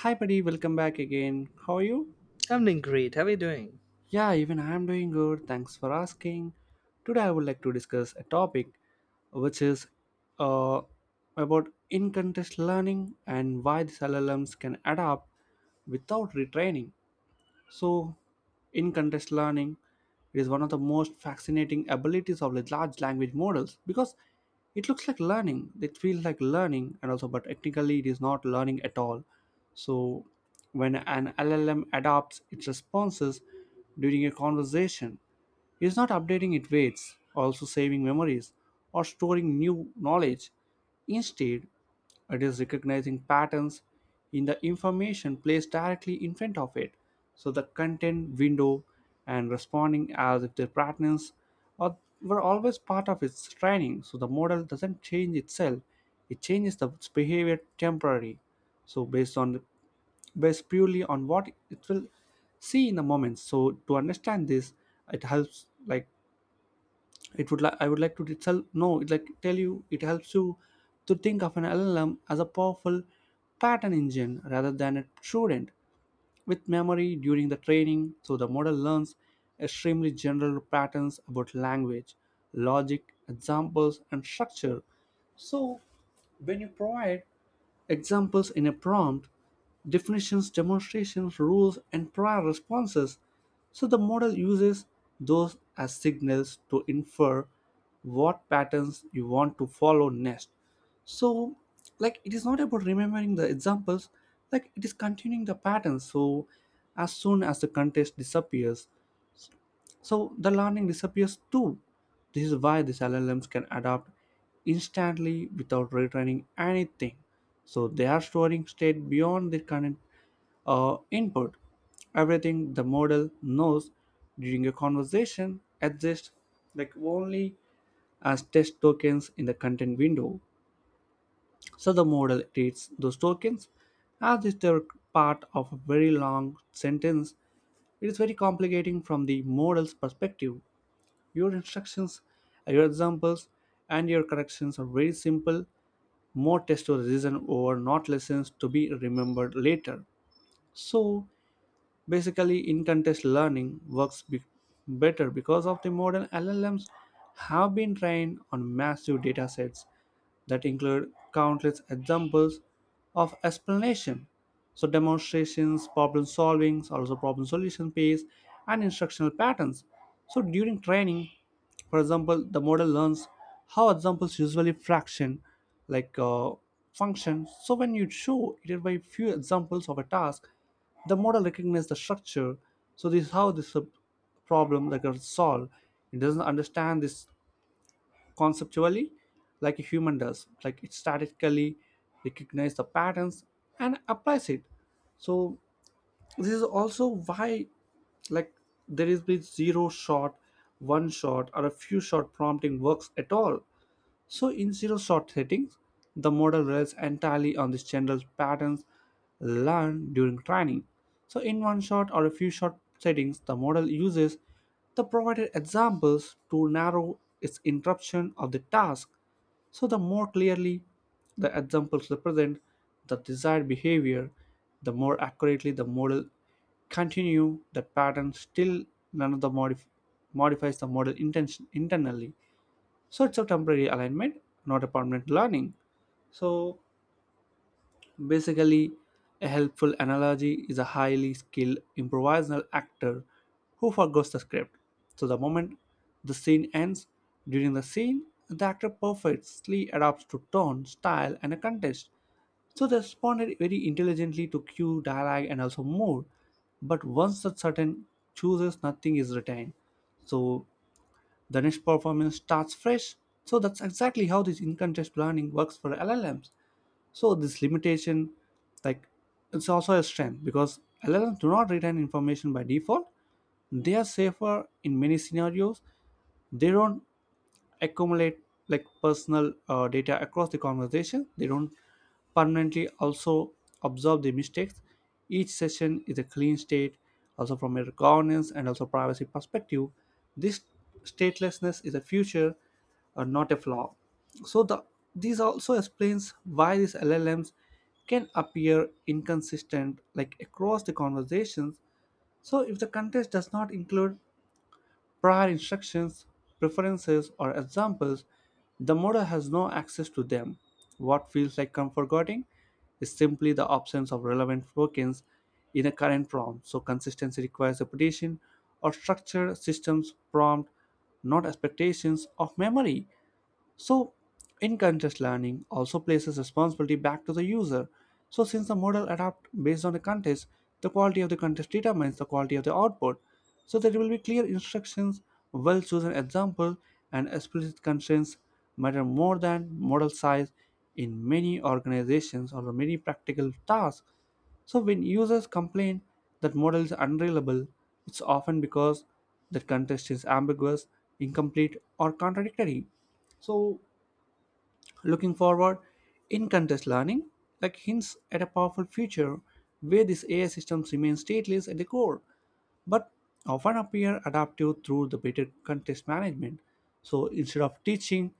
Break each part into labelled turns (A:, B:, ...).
A: Hi, buddy, welcome back again. How are you?
B: I'm doing great. How are you doing?
A: Yeah, even I am doing good. Thanks for asking. Today, I would like to discuss a topic which is uh, about in context learning and why these LLMs can adapt without retraining. So, in context learning, it is one of the most fascinating abilities of the large language models because it looks like learning. It feels like learning, and also, but technically, it is not learning at all. So, when an LLM adopts its responses during a conversation, it is not updating its weights, also saving memories, or storing new knowledge. Instead, it is recognizing patterns in the information placed directly in front of it, so the content window, and responding as if the patterns are, were always part of its training. So the model doesn't change itself; it changes its behavior temporarily. So based on Based purely on what it will see in the moment. So to understand this, it helps like it would like I would like to tell no it like tell you it helps you to think of an llm as a powerful pattern engine rather than a student with memory. During the training, so the model learns extremely general patterns about language, logic, examples, and structure. So, when you provide examples in a prompt: definitions, demonstrations, rules, and prior responses, so the model uses those as signals to infer what patterns you want to follow next. So, like it is not about remembering the examples, like it is continuing the patterns. So, as soon as the context disappears, so the learning disappears too. This is why these LLMs can adapt instantly without retraining anything. So they are storing state beyond the current input. Everything the model knows during a conversation exists like only as test tokens in the content window. So the model treats those tokens as if they're part of a very long sentence. It is very complicating from the model's perspective. Your instructions, your examples, and your corrections are very simple, more test or reason over, not lessons to be remembered later. So basically, in context learning better because of the modern LLMs have been trained on massive data sets that include countless examples of explanation. So demonstrations, problem solvings, also problem solution pace, and instructional patterns. So during training, for example, the model learns how examples usually fraction like function. So when you show it by few examples of a task, the model recognizes the structure. So this is how this problem like is solved. It doesn't understand this conceptually like a human does. Like it statically recognizes the patterns and applies it. So this is also why like there is been zero shot, one shot, or a few shot prompting works at all. So in zero shot settings, the model relies entirely on the general patterns learned during training. So in one shot or a few shot settings, the model uses the provided examples to narrow its interruption of the task. So the more clearly the examples represent the desired behavior, the more accurately the model continue the pattern, still none of modifies the model intention internally. So it's a temporary alignment, not a permanent learning. So basically, a helpful analogy is a highly skilled improvisational actor who forgets the script. So the moment the scene ends, during the scene, the actor perfectly adapts to tone, style, and a context. So they responded very intelligently to cue, dialogue, and also mood. But once that certain chooses, nothing is retained. So the next performance starts fresh. So that's exactly how this in-context learning works for LLMs. So this limitation, like it's also a strength because LLMs do not retain information by default. They are safer in many scenarios. They don't accumulate like personal data across the conversation. They don't permanently also observe the mistakes. Each session is a clean state. Also from a governance and also privacy perspective, this statelessness is a future, not a flaw. So the This also explains why these llms can appear inconsistent like across the conversations. So if the context does not include prior instructions, preferences, or examples, the model has no access to them. What feels like comfort guarding is simply the absence of relevant tokens in a current prompt. So consistency requires repetition or structured systems prompt, not expectations of memory. So, in-context learning also places responsibility back to the user. So, since the model adapts based on the context, the quality of the context determines the quality of the output. So, there will be clear instructions, well-chosen examples, and explicit constraints matter more than model size in many organizations or many practical tasks. So when users complain that model is unreliable, it's often because the context is ambiguous, incomplete, or contradictory. So, looking forward, in contest learning, like hints at a powerful future where these AI systems remain stateless at the core, but often appear adaptive through the better contest management. So, instead of teaching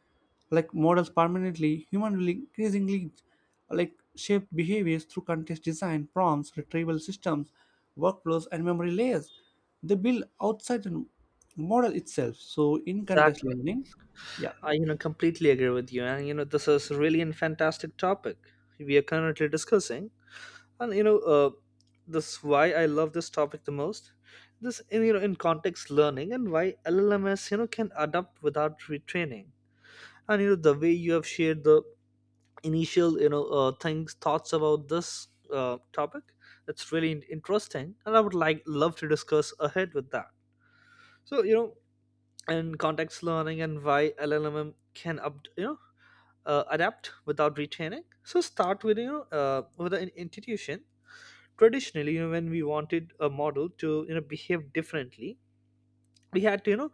A: like models permanently, human will increasingly like shape behaviors through contest design, prompts, retrieval systems, workflows, and memory layers. They build outside the model itself. So, in contest
B: Exactly.
A: learning, yeah.
B: I completely agree with you. And this is really a fantastic topic we are currently discussing. And this why I love this topic the most. This, in, you know, in context learning and why LLMS, can adapt without retraining. And the way you have shared the initial things, thoughts about this topic, it's really interesting. And I would love to discuss ahead with that. So and context learning and why LLM can up, you know adapt without retraining. So start with with an institution. Traditionally, when we wanted a model to behave differently, we had to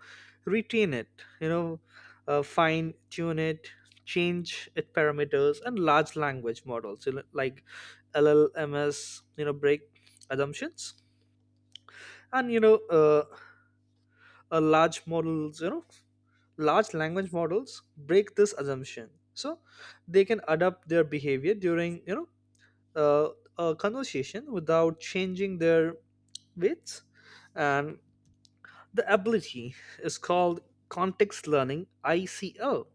B: retrain it, fine tune it, change its parameters, and large language models, like LLMS, break assumptions. And a large models you know large language models break this assumption, so they can adapt their behavior during uh, a conversation without changing their weights, and the ability is called context learning, ICL,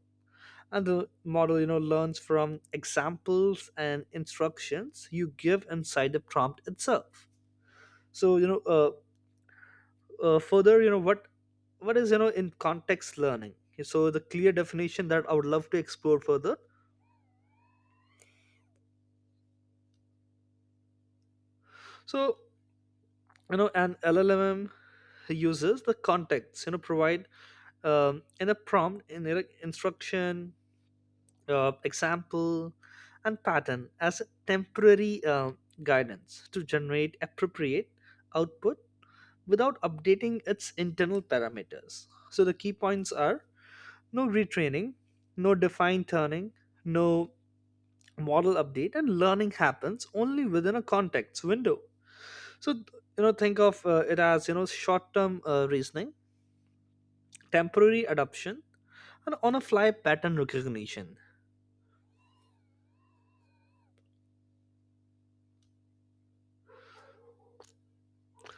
B: and the model learns from examples and instructions you give inside the prompt itself. So further, what is in context learning. So the clear definition that I would love to explore further, so an LLM uses the context provide in a prompt in a like, instruction, example, and pattern as a temporary guidance to generate appropriate output without updating its internal parameters. So the key points are: no retraining, no defined turning, no model update, and learning happens only within a context window. So think of it as short term reasoning, temporary adoption, and on a fly pattern recognition.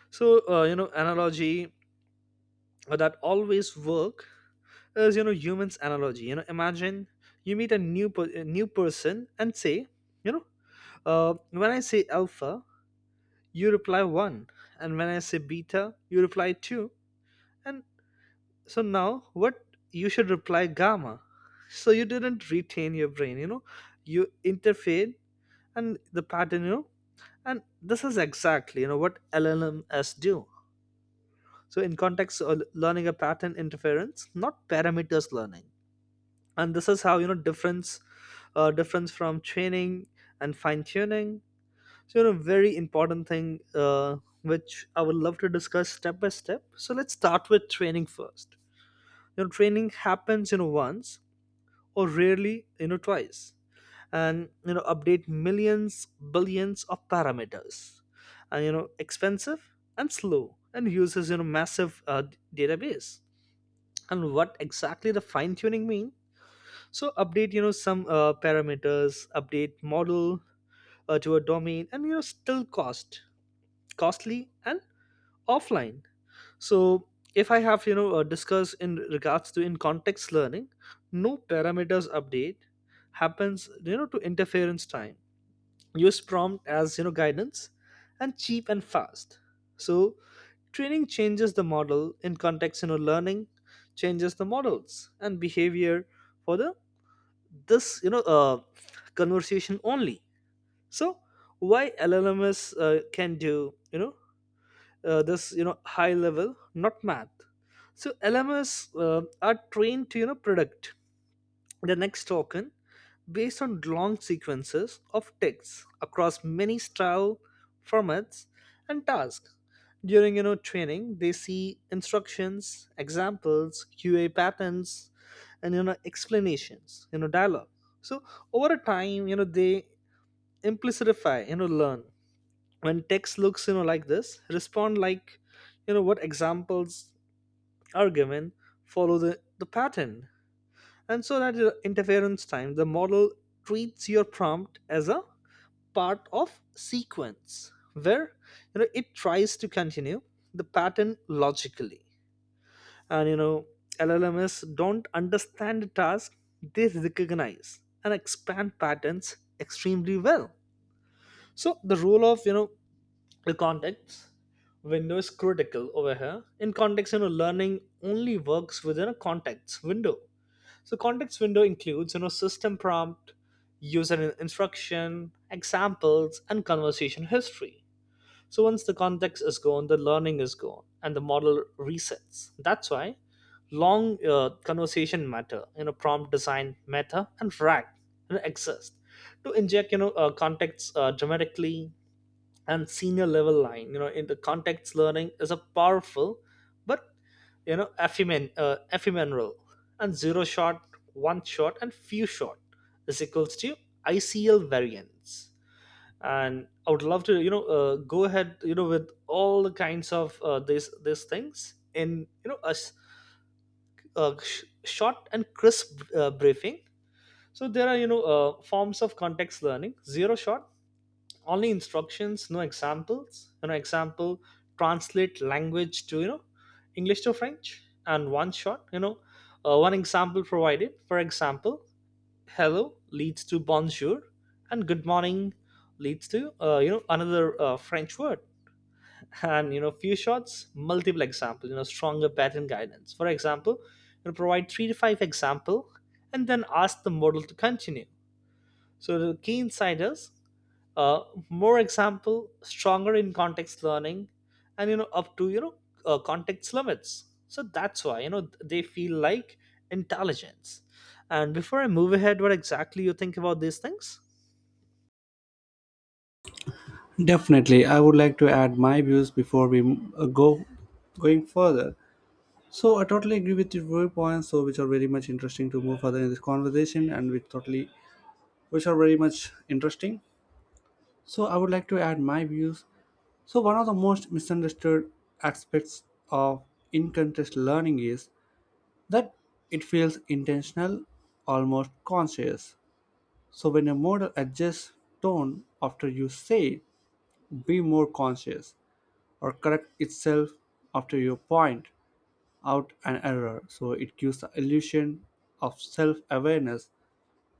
B: So analogy that always work is humans analogy. Imagine you meet a a new person and say, you know when I say alpha, you reply one, and when I say beta, you reply two. And so now what you should reply? Gamma. So you didn't retain your brain, you interfered and the pattern, and this is exactly what LLMs do. So in context learning a pattern interference not parameters learning. And this is how difference from training and fine tuning. So very important thing uh, which I would love to discuss step by step. So let's start with training first. Training happens once or rarely twice, and update millions, billions of parameters, and expensive and slow and uses massive database. And what exactly the fine tuning mean? So update some parameters, update model to a domain, and still costly and offline. So if I have discussed in regards to in context learning, no parameters update happens to interference time. Use prompt as guidance and cheap and fast. So training changes the model, in context learning changes the models and behavior for the this conversation only. So why LLMs can do this high level not math. So lms are trained to predict the next token based on long sequences of texts across many style, formats, and tasks. During training they see instructions, examples, QA patterns, and explanations, dialogue. So over a time they implicify learn, when text looks like this, respond like what examples are given, follow the pattern. And so that your interference time, the model treats your prompt as a part of sequence where it tries to continue the pattern logically. And LLMs don't understand the task, they recognize and expand patterns extremely well. So the role of the context window is critical over here. In context learning only works within a context window. So context window includes system prompt, user instruction, examples, and conversation history. So once the context is gone, the learning is gone, and the model resets. That's why long conversation matter, prompt design matter, and frag, exist to inject context dramatically. And senior level line, in the context learning is a powerful but ephemeral. And zero shot, one shot, and few shot is equals to ICL variance. And I would love to go ahead with all the kinds of these things in you know a, s- a sh- short and crisp briefing. So there are forms of context learning. Zero shot: only instructions, no examples. Example: translate language to English to French. And one shot, one example provided, for example, hello leads to bonjour and good morning leads to another French word. And few shots, multiple examples, stronger pattern guidance. For example, provide three to five example and then ask the model to continue. So the key insight is uh, more example stronger in context learning, and up to context limits. So that's why they feel like intelligence. And before I move ahead, what exactly you think about these things?
A: Definitely, I would like to add my views before we go going further. So I totally agree with your viewpoints, so which are very much interesting to move further in this conversation, and which are very much interesting. So I would like to add my views. So one of the most misunderstood aspects of in-context learning is that it feels intentional, almost conscious. So when a model adjusts tone after you say, be more conscious, or correct itself after you point out an error. So it gives the illusion of self awareness.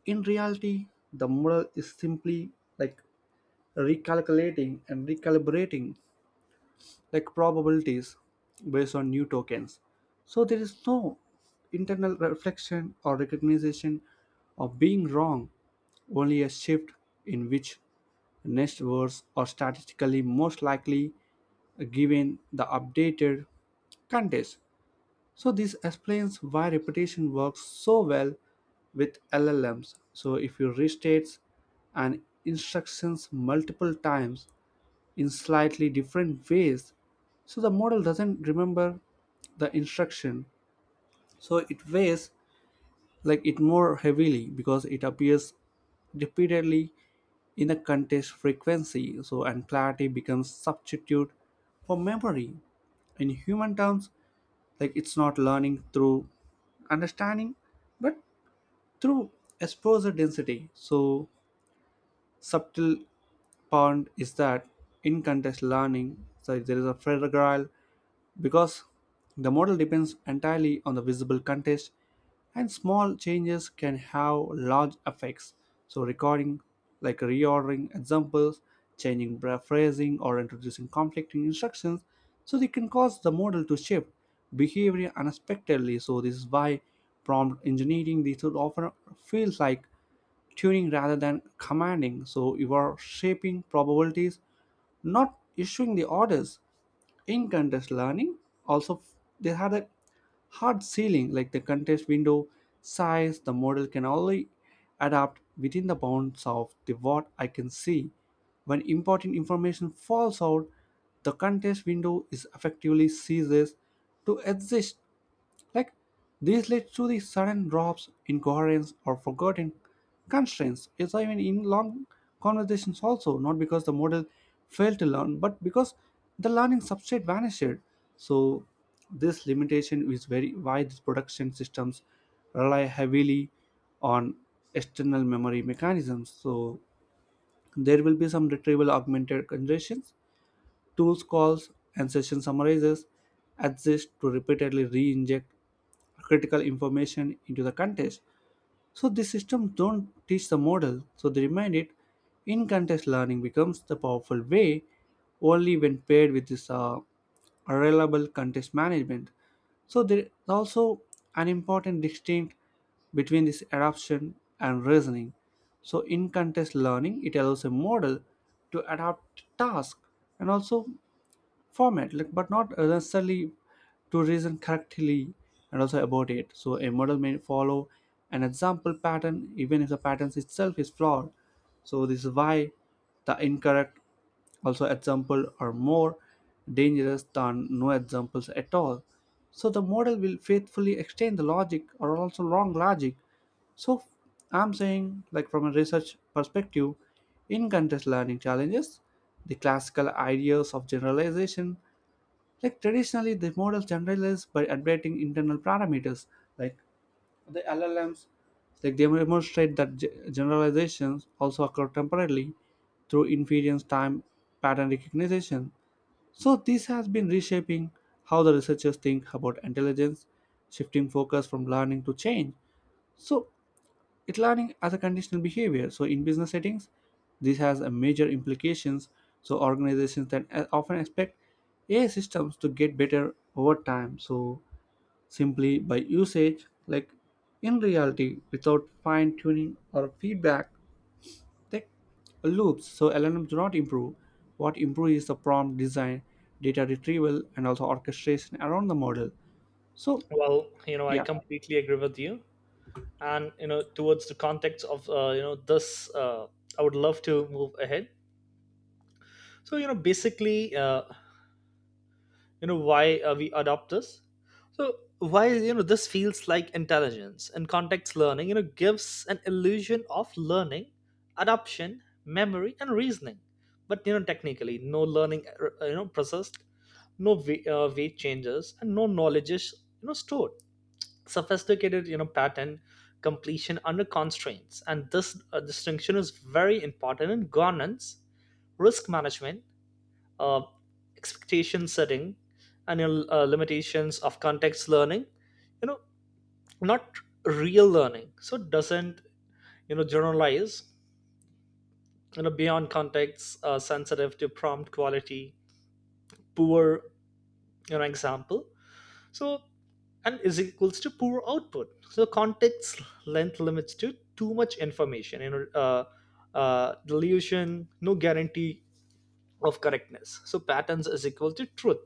A: In reality, the model is simply like recalculating and recalibrating like probabilities based on new tokens. So there is no internal reflection or recognition of being wrong, only a shift in which next words are statistically most likely given the updated context. So this explains why repetition works so well with LLMs. So if you restate an instructions multiple times, in slightly different ways. So the model doesn't remember the instruction, so it weighs like it more heavily because it appears repeatedly in the context frequency. So and clarity becomes substitute for memory. In human terms, like it's not learning through understanding, but through exposure density. So subtle point is that in context learning, so there is a fragile because the model depends entirely on the visible context and small changes can have large effects. So, recording, like reordering examples, phrasing, or introducing conflicting instructions, so they can cause the model to shift behavior unexpectedly. So, this is why prompt engineering they should often feels like tuning rather than commanding. So you are shaping probabilities, not issuing the orders. In contest learning, also they had a hard ceiling like the contest window size. The model can only adapt within the bounds of the what I can see. When important information falls out, the contest window is effectively ceases to exist, like this leads to the sudden drops, incoherence, or forgotten constraints. It's even in long conversations also, not because the model failed to learn, but because the learning substrate vanished. So this limitation is very why these production systems rely heavily on external memory mechanisms. So there will be some retrieval augmented conditions, tools calls, and session summarizers exist to repeatedly re-inject critical information into the context. So these systems don't teach the model, so they remind it. In context learning becomes the powerful way only when paired with this reliable context management. So there is also an important distinction between this adaptation and reasoning. So in context learning, it allows a model to adapt task and also format, like but not necessarily to reason correctly and also about it. So a model may follow an example pattern even if the pattern itself is flawed. So this is why the incorrect also example are more dangerous than no examples at all. So the model will faithfully extend the logic or also wrong logic. So I'm saying, like from a research perspective, in context learning challenges, the classical ideas of generalization, like traditionally the models generalize by updating internal parameters, like the LLMs, like they demonstrate that generalizations also occur temporarily through inference time pattern recognition. So this has been reshaping how the researchers think about intelligence, shifting focus from learning to change. So it learning as a conditional behavior. So in business settings, this has a major implications. So organizations that often expect AI systems to get better over time. So simply by usage, like in reality, without fine tuning or feedback, they loops. So LLMs do not improve. What improve is the prompt design, data retrieval, and also orchestration around the model. So
B: Well, I
A: yeah,
B: completely agree with you. And towards the context of this, I would love to move ahead. So basically, why we adopt this. So why this feels like intelligence. And context learning gives an illusion of learning, adoption, memory, and reasoning, but technically no learning processed, no weight changes, and no knowledge is stored. Sophisticated pattern completion under constraints. And this distinction is very important in governance, risk management, uh, expectation setting. And your limitations of context learning, you know not real learning, so it doesn't generalize beyond context. Sensitive to prompt quality, poor example, so and is equals to poor output. So context length limits, to too much information delusion, no guarantee of correctness, so patterns is equal to truth.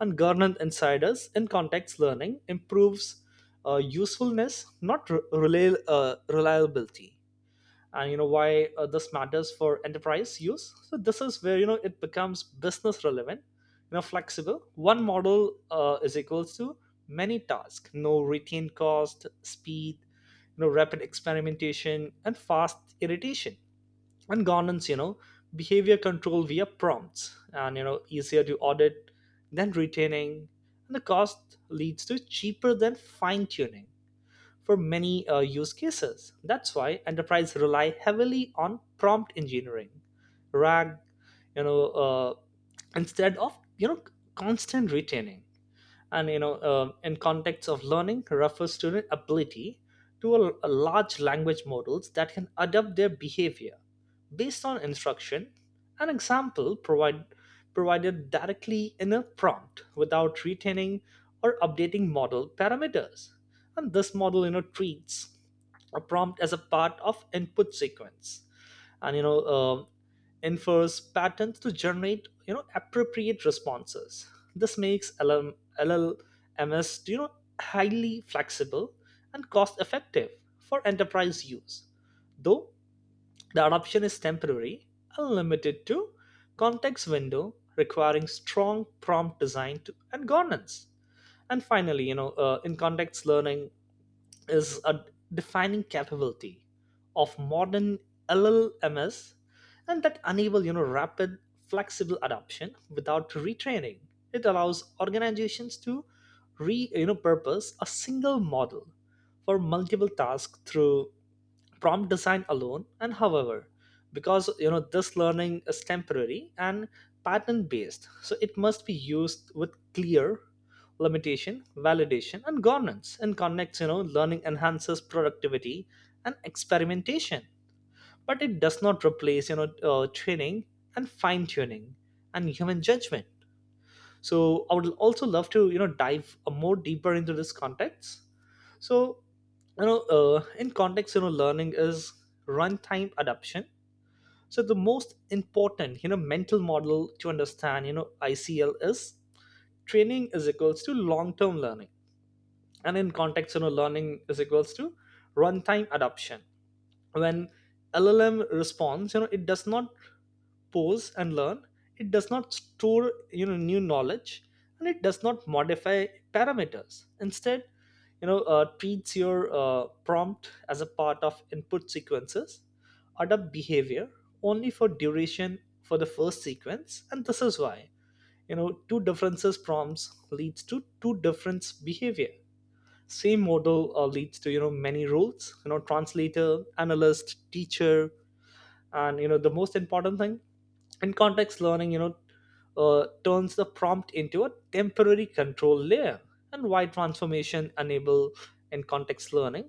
B: And governance insiders, in context learning improves usefulness not reliability. And why this matters for enterprise use. So this is where it becomes business relevant. Flexible: one model is equals to many tasks, no retained cost, speed, rapid experimentation, and fast iteration. And governance, behavior control via prompts and easier to audit than retaining. And the cost leads to cheaper than fine tuning for many use cases. That's why enterprise rely heavily on prompt engineering, rag, you know uh, instead of constant retaining. And in context of learning refers to the ability to a large language models that can adapt their behavior based on instruction, an example provided directly in a prompt without retaining or updating model parameters. And this model treats a prompt as a part of input sequence and infers patterns to generate appropriate responses. This makes LLMs, highly flexible and cost effective for enterprise use, though the adoption is temporary and limited to context window, requiring strong prompt design to, and governance. And finally, in context learning is a defining capability of modern LLMs, and that enable rapid flexible adoption without retraining. It allows organizations to re purpose a single model for multiple tasks through prompt design alone. And however, because this learning is temporary and pattern based, so it must be used with clear limitation, validation, and governance. And connects learning enhances productivity and experimentation, but it does not replace training and fine tuning and human judgment. So I would also love to dive more deeper into this context. So, in context, learning is runtime adaptation. So the most important, mental model to understand, ICL is training is equals to long-term learning, and in context, learning is equals to runtime adaptation. When LLM responds, it does not pause and learn, it does not store new knowledge, and it does not modify parameters. Instead, treats your prompt as a part of input sequences, adopt behavior only for duration for the first sequence. And this is why two differences prompts leads to two different behavior, same model leads to many roles, translator, analyst, teacher. And the most important thing, and context learning turns the prompt into a temporary control layer. And why transformation enable in context learning?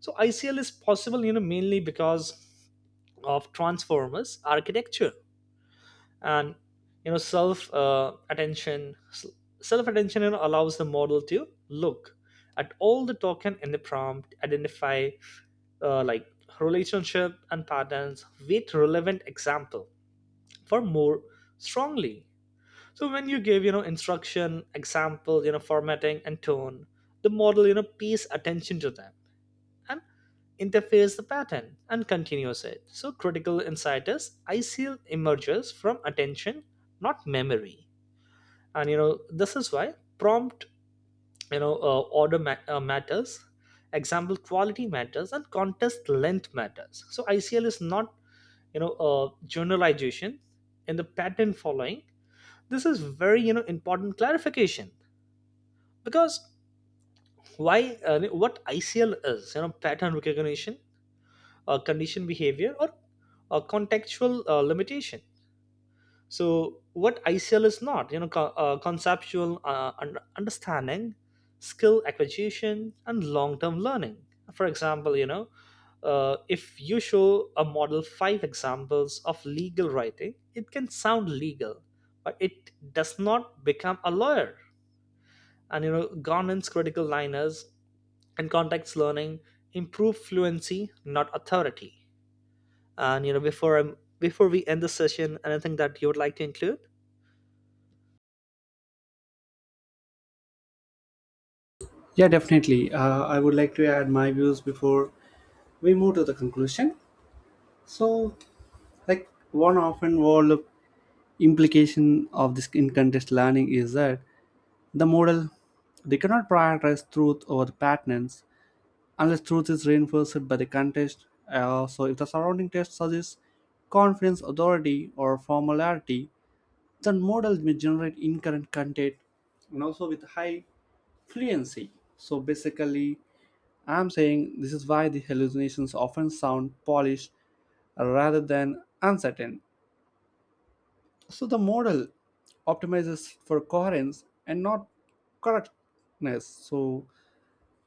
B: So ICL is possible mainly because of transformers architecture and self attention. Self attention, allows the model to look at all the token in the prompt, identify uh, like relationship and patterns with relevant example for more strongly. So when you give, instruction, example, formatting and tone, the model, pays attention to them and interface the pattern and continues it. So critical insight is ICL emerges from attention, not memory. And this is why prompt, order matters, example quality matters, and contest length matters. So ICL is not generalization in the pattern following. This is very important clarification. Because why what ICL is, pattern recognition, condition behavior, or contextual limitation. So what ICL is not, conceptual, understanding, skill acquisition, and long-term learning. For example, if you show a model five examples of legal writing, it can sound legal, but it does not become a lawyer. And governance critical liners, and context learning improve fluency not authority. And before we end the session, anything that you would like to include?
A: yeah, definitely. I would like to add my views before we move to the conclusion. So, like one often overlooked implication of this in context learning is that the model they cannot prioritize truth over patterns unless truth is reinforced by the context. So, if the surrounding text suggests confidence, authority, or formality, then model may generate incorrect content and also with high fluency. So, basically, I'm saying this is why the hallucinations often sound polished rather than uncertain. So the model optimizes for coherence and not correctness. So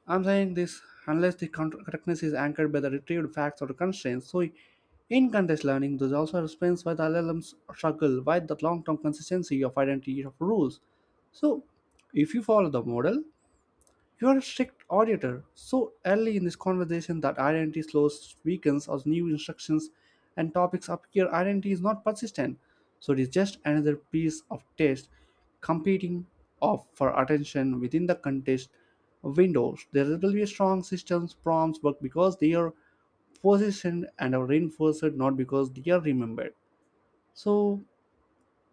A: I'm saying this unless the correctness is anchored by the retrieved facts or constraints. So in context learning, this also explains why the LLMs struggle with the long-term consistency of identity of rules. So if you follow the model, you are a strict auditor so early in this conversation that identity slows, weakens, as new instructions and topics appear. Identity is not persistent, so it is just another piece of text competing of for attention within the context windows. There will be strong systems prompts, but because they are positioned and are reinforced, not because they are remembered. So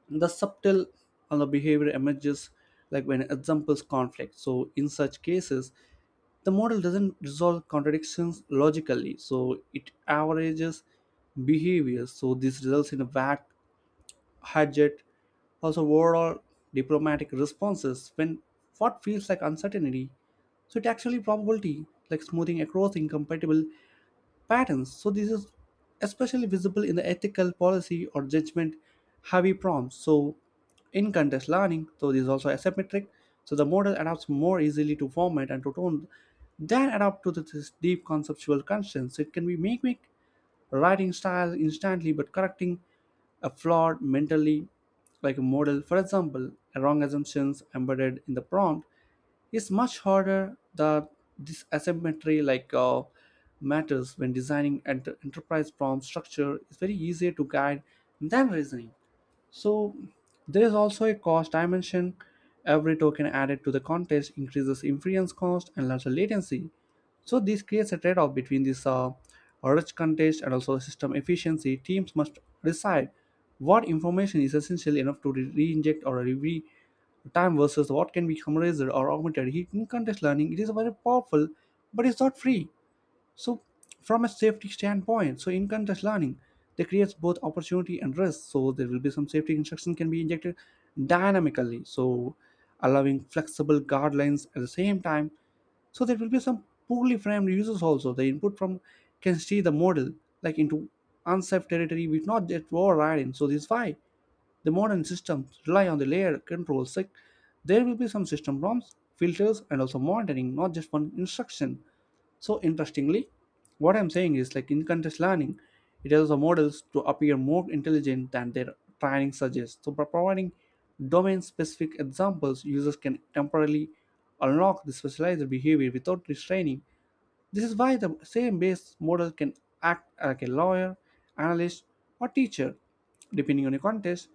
A: the subtle on the behavior emerges like when examples conflict. So in such cases, the model doesn't resolve contradictions logically, so it averages behaviors. So this results in a vague, budget, also overall diplomatic responses when what feels like uncertainty. So it actually probability, like smoothing across incompatible patterns. So this is especially visible in the ethical policy or judgment heavy prompts. So in context learning, so this is also asymmetric. So the model adapts more easily to format and to tone than adapt to the- this deep conceptual constraints. It can be mimic writing style instantly but correcting a flawed mentally like a model. For example, a wrong assumptions embedded in the prompt it's much harder that this asymmetry like matters when designing an enterprise prompt structure is very easier to guide than reasoning. So there is also a cost dimension. Every token added to the contest increases inference cost and lesser latency. So this creates a trade-off between this rich contest and also system efficiency. Teams must decide what information is essential enough to re-inject or re time versus what can be summarized or augmented. In contest learning, it is very powerful, but it's not free. So, from a safety standpoint, so in context learning, they creates both opportunity and risk. So there will be some safety instruction can be injected dynamically, so allowing flexible guidelines at the same time. So there will be some poorly framed users also. The input from can see the model like into unsafe territory, which not yet war riding. So this is why. The modern systems rely on the layer controls. Like there will be some system prompts, filters, and also monitoring, not just one instruction. So interestingly, what I'm saying is like in context learning, it allows the models to appear more intelligent than their training suggests. So by providing domain-specific examples, users can temporarily unlock the specialized behavior without restraining this is why the same base model can act like a lawyer, analyst, or teacher, depending on your context.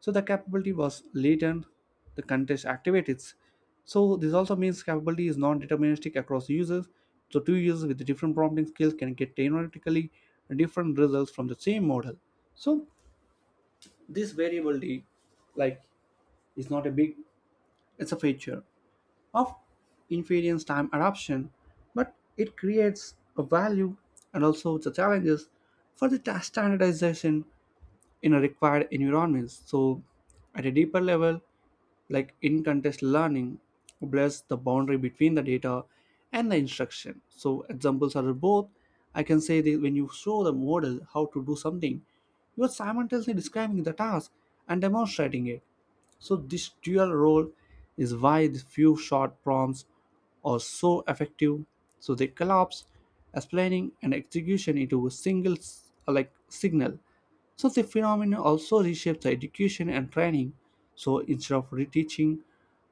A: So the capability was latent, the context activates. So this also means capability is non-deterministic across users. So two users with different prompting skills can get theoretically different results from the same model. So this variability, like, is not a big. It's a feature of inference time adoption, but it creates a value and also the challenges for the standardization in a required environments. So, at a deeper level, like in context learning, blurs the boundary between the data and the instruction. So, examples are both. I can say that when you show the model how to do something, you are simultaneously describing the task and demonstrating it. So, this dual role is why the few short prompts are so effective so they collapse explaining and execution into a single like signal so the phenomenon also reshapes the education and training so instead of reteaching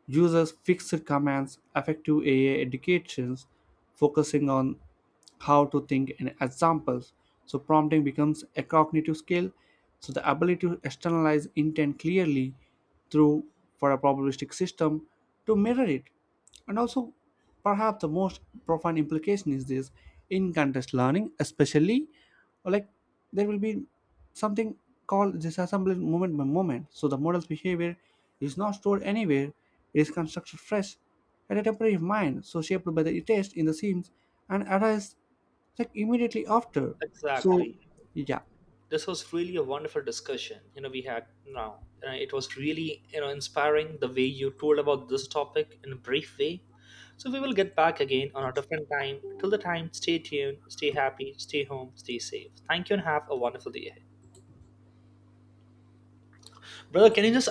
A: users fixed commands effective AI educations focusing on how to think in examples. So prompting becomes a cognitive skill. So the ability to externalize intent clearly through for a probabilistic system to mirror it. And also perhaps the most profound implication is this in context learning, especially like there will be something called disassembly moment by moment. So the model's behavior is not stored anywhere, it is constructed fresh had a temporary mind so shaped by the taste in the seams, and artists like immediately after. So
B: Exactly.
A: yeah.
B: This was really a wonderful discussion we had now. It was really inspiring the way you told about this topic in a brief way. So we will get back again on a different time. Till the time, stay tuned, stay happy, stay home, stay safe. Thank you, and have a wonderful day ahead, brother. Can you just